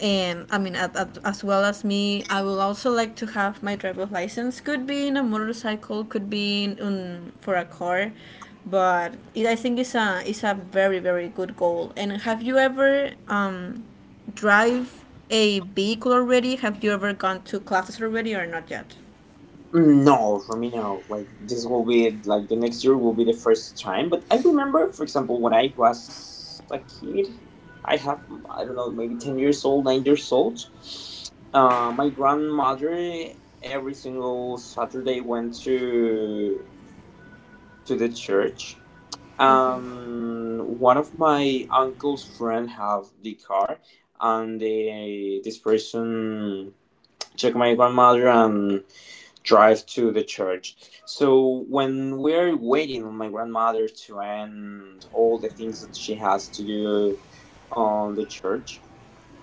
And I mean as well as me, I will also like to have my driver's license. Could be in a motorcycle, could be in for a car. But I think it's a very very good goal. And have you ever drive a vehicle already? Have you ever gone to classes already or not yet? Mm, no, for me, no. Like this will be like the next year will be the first time. But I remember, for example, when I was a kid, I have I don't know, maybe 10 years old, 9 years old. My grandmother every single Saturday went to the church. One of my uncle's friend have the car, and this person took my grandmother and drive to the church. So when we're waiting on my grandmother to end all the things that she has to do on the church,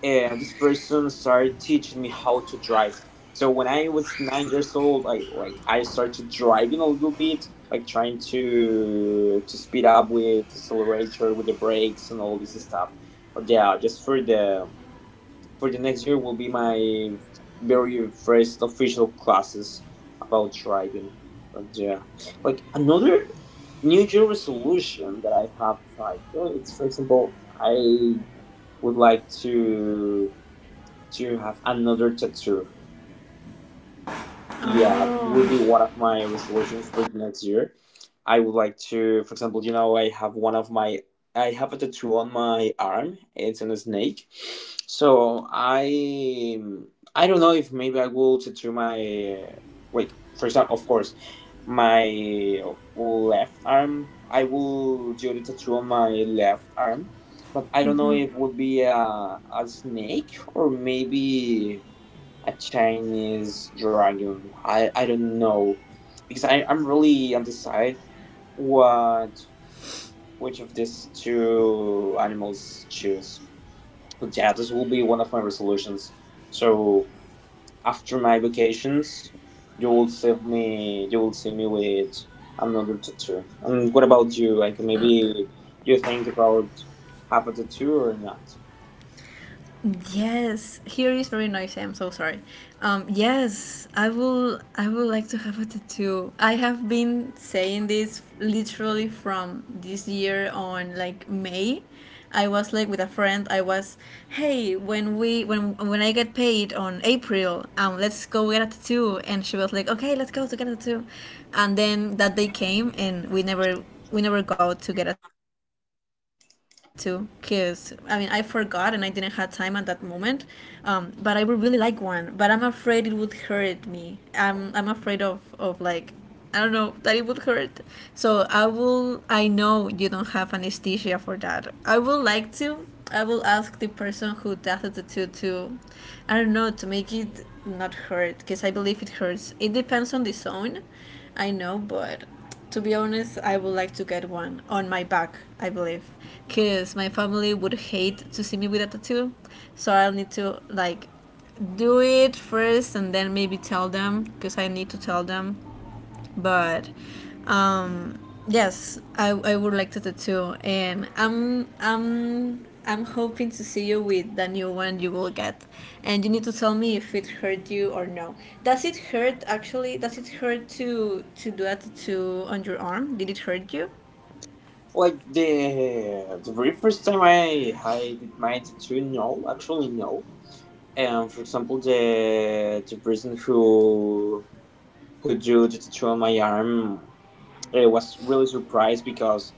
and this person started teaching me how to drive. So when I was 9 years old, I like I started driving a little bit, like trying to speed up with the accelerator, with the brakes, and all this stuff. But yeah, just for the next year will be my very first official classes about driving. But yeah, like another New Year resolution that I have, like well, it's for example, I would like to have another tattoo. Yeah, will be Oh, one of my resolutions for the next year. I would like to, for example, you know, I have a tattoo on my arm. It's on a snake. So I, I don't know if maybe I will tattoo my, wait, for example, of course, my left arm. I will do the tattoo on my left arm, but I don't know if it would be a snake or maybe a Chinese dragon. I don't know because I'm really undecided, what? Which of these two animals choose? But yeah, this will be one of my resolutions. So after my vacations, you will see me. You will see me with another tattoo. And what about you? Like maybe you think about have a tattoo or not? yes, here is very noisy. I'm so sorry. Yes, I will. I would like to have a tattoo. I have been saying this literally from this year on, like May. I was like with a friend. I was, hey, when we when I get paid on April, let's go get a tattoo. And she was like, okay, let's go to get a tattoo. And then that day came, and we never go to get a tattoo because I mean I forgot and I didn't have time at that moment. But I would really like one. But I'm afraid it would hurt me. I'm afraid of like, I don't know, that it would hurt. So I will. I know you don't have anesthesia for that. I would like to. I will ask the person who does the tattoo to, I don't know, to make it not hurt because I believe it hurts. It depends on the zone, I know, but to be honest, I would like to get one on my back, I believe, because my family would hate to see me with a tattoo. So I'll need to like do it first and then maybe tell them because I need to tell them. But um yes, I would like to tattoo, and I'm hoping to see you with the new one you will get. And you need to tell me if it hurt you or no. Does it hurt? Actually, does it hurt to do a tattoo on your arm? Did it hurt you? Like the very first time I did my tattoo, no, actually no. And for example, the person who drew the tattoo on my arm was really surprised because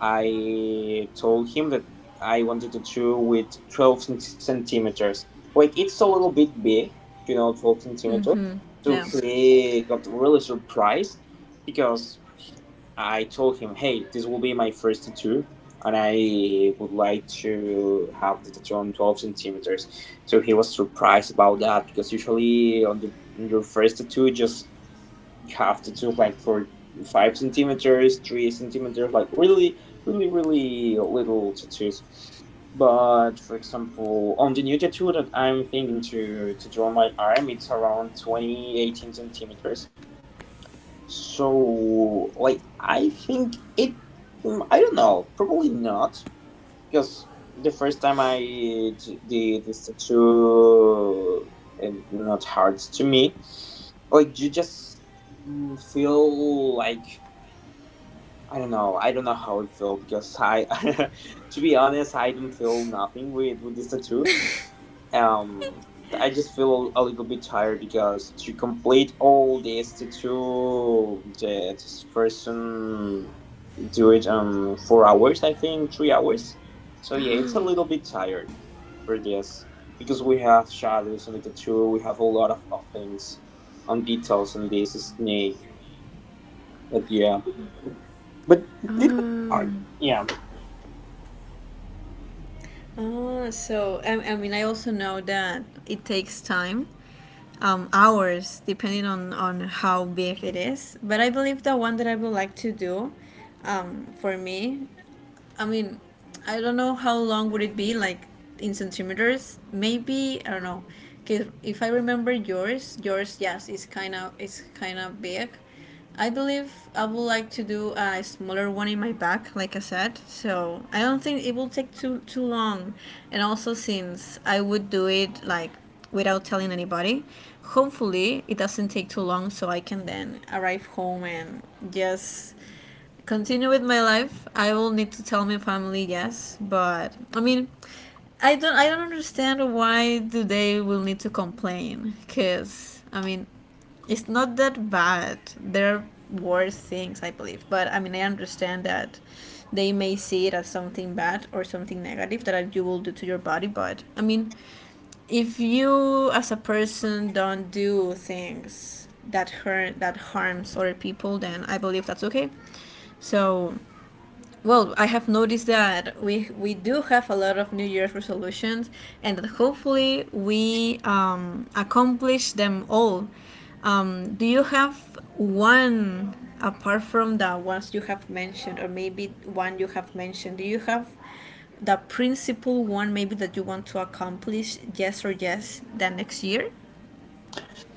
I told him that I wanted a tattoo with centimeters. Like, it's a little bit big, you know, 12 centimeters. So No. he got really surprised because I told him, hey, this will be my first tattoo. And I would like to have the tattoo on 12 centimeters. So he was surprised about that because usually on your first tattoo, just you have to do like for 5 centimeters, 3 centimeters, like really, really, really little tattoos. But for example, on the new tattoo that I'm thinking to draw on my arm, it's around 2018 centimeters. So like I think it, mm, I don't know, probably not because the first time I did this tattoo, it not hard to me, like you just mm, feel like I don't know. I don't know how it feel because I, [laughs] to be honest, I don't feel nothing with with this tattoo. um I just feel a little bit tired because to complete all this, to this person do it 4 hours, I think 3 hours. So yeah, it's a little bit tired for this because we have shadows on the tattoo. We have a lot of things on details on this snake. But yeah, but it's hard, um, yeah. Oh, so I mean, I also know that it takes time, hours, depending on how big it is. But I believe the one that I would like to do, for me, I mean, I don't know how long would it be, like in centimeters. Maybe I don't know, 'cause if I remember yours, yours is is kind of big. I believe I would like to do a smaller one in my back, like I said. So I don't think it will take too long. And also, since I would do it like without telling anybody, hopefully it doesn't take too long so I can then arrive home and just continue with my life. I will need to tell my family, yes, but I mean I don't understand why do they will need to complain, cuz I mean it's not that bad. There are worse things, I believe. But I mean, I understand that they may see it as something bad or something negative that you will do to your body. But I mean, if you as a person don't do things that harms other people, then I believe that's okay. So, well, I have noticed that we do have a lot of New Year's resolutions, and that hopefully we accomplish them all. Do you have one apart from the ones you have mentioned, or maybe one you have mentioned? Do you have the principal one maybe that you want to accomplish, yes or yes, the next year?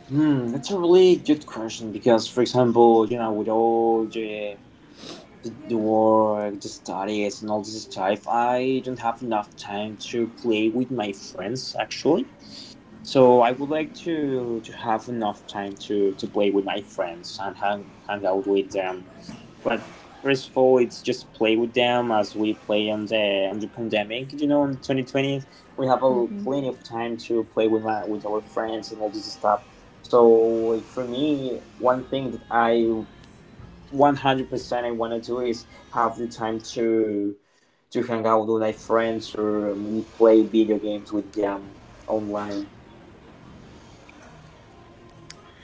Hmm, that's a really good question because for example you know with all the work, the studies, and all this stuff, I don't have enough time to play with my friends actually. So I would like to have enough time to play with my friends and hang out with them. But first of all, it's just play with them as we play on the pandemic. You know, in 2020, we have a plenty of time to play with my, with our friends and all this stuff. So like, for me, one thing that I 100% I want to do is have the time to hang out with my friends or maybe play video games with them online.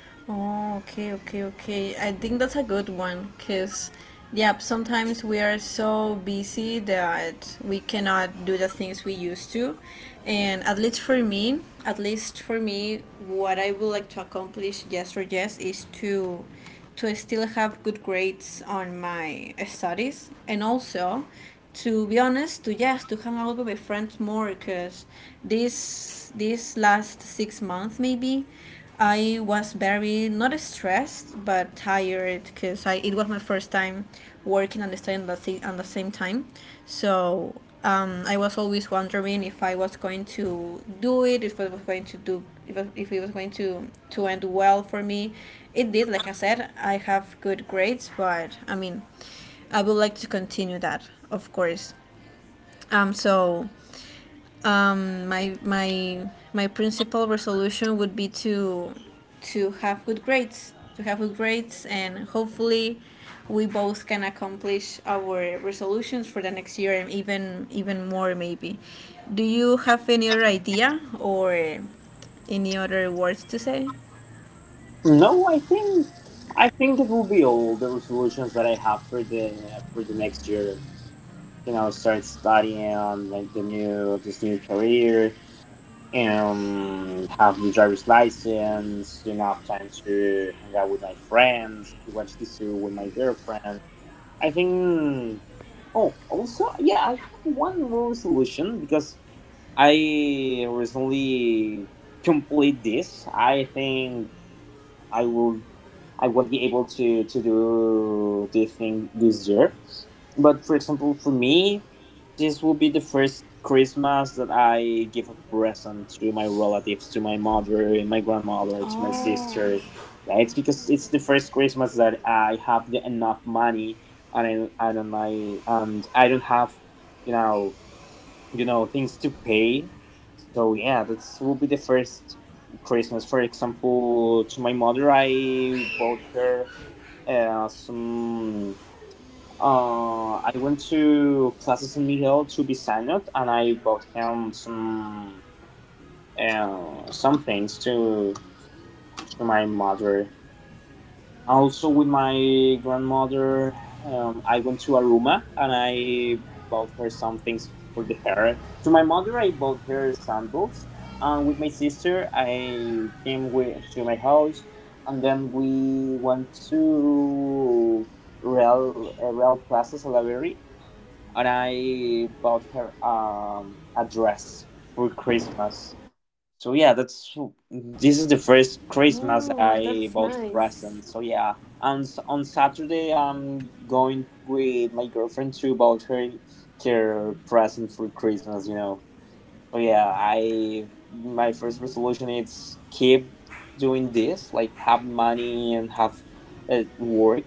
Oh, okay, okay, okay. I think that's a good one because, yep, sometimes we are so busy that we cannot do the things we used to. And at least for me, at least for me, what I would like to accomplish, yes or yes, is to still have good grades on my studies, and also to be honest, to yes to hang out with my friends more because this last 6 months maybe I was very not stressed but tired because I it was my first time working and studying at the, at the same time. So I was always wondering if I was going to do it, if I was going to do, if it was going to end well for me. It did, like I said, I have good grades, but I mean, I would like to continue that, of course. Um, so my principal resolution would be to to have good grades, and hopefully we both can accomplish our resolutions for the next year, and even more maybe. Do you have any other idea or any other words to say? No, I think it will be all the resolutions that I have for the next year. You know, start studying on like the new this new career, and have the driver's license, enough time to hang out with my friends, watch this with my girlfriend, I think. Oh, also, yeah, I have one more solution because I recently complete this. I think I will I won't be able to do the thing this year. But for example, for me, this will be the first Christmas that I give a present to my relatives, to my mother, and my grandmother, to my Oh, sister. Yeah, it's because it's the first Christmas that I have the enough money, and I and I and I don't have, you know, you know, things to pay. So yeah, that will be the first Christmas. For example, to my mother, I bought her some, I went to Plaza San Miguel to be signed, and I bought him some, some things to my mother. Also, with my grandmother, I went to Aruma, and I bought her some things for the hair. To my mother, I bought her sandals. And with my sister, I came to my house, and then we went to Real Plaza Salaberry, and I bought her a dress for Christmas. So yeah, that's, this is the oh, first that's Christmas nice. I bought presents. So yeah, and on Saturday I'm going with my girlfriend to bought her her present for Christmas, you know. So yeah, I my first resolution is keep doing this, like have money and have work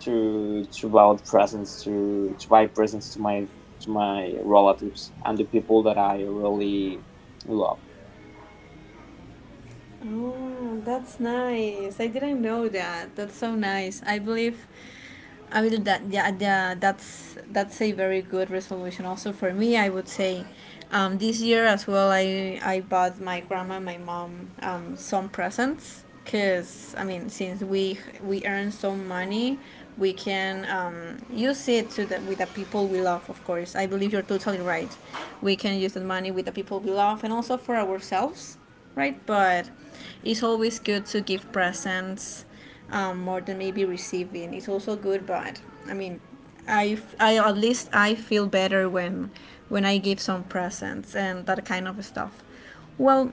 to buy presents, to buy presents to my relatives and the people that I really love. Oh, that's nice. I didn't know that. That's so nice. I believe I will that yeah, that's a very good resolution, also for me. I would say, this year as well, I bought my grandma and my mom some presents, because I mean, since we earn some money, we can use it with the people we love. Of course, I believe you're totally right. We can use the money with the people we love, and also for ourselves, right? But it's always good to give presents, more than maybe receiving. It's also good, but I mean, I, at least, I feel better when I give some presents and that kind of stuff. Well,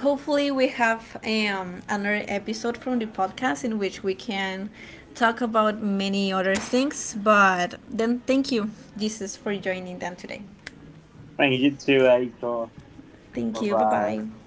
hopefully we have another episode from the podcast in which we can talk about many other things. But then, thank you, Jesus, for joining them today. Thank you too, Aiko. Thank Bye you. Bye bye. bye.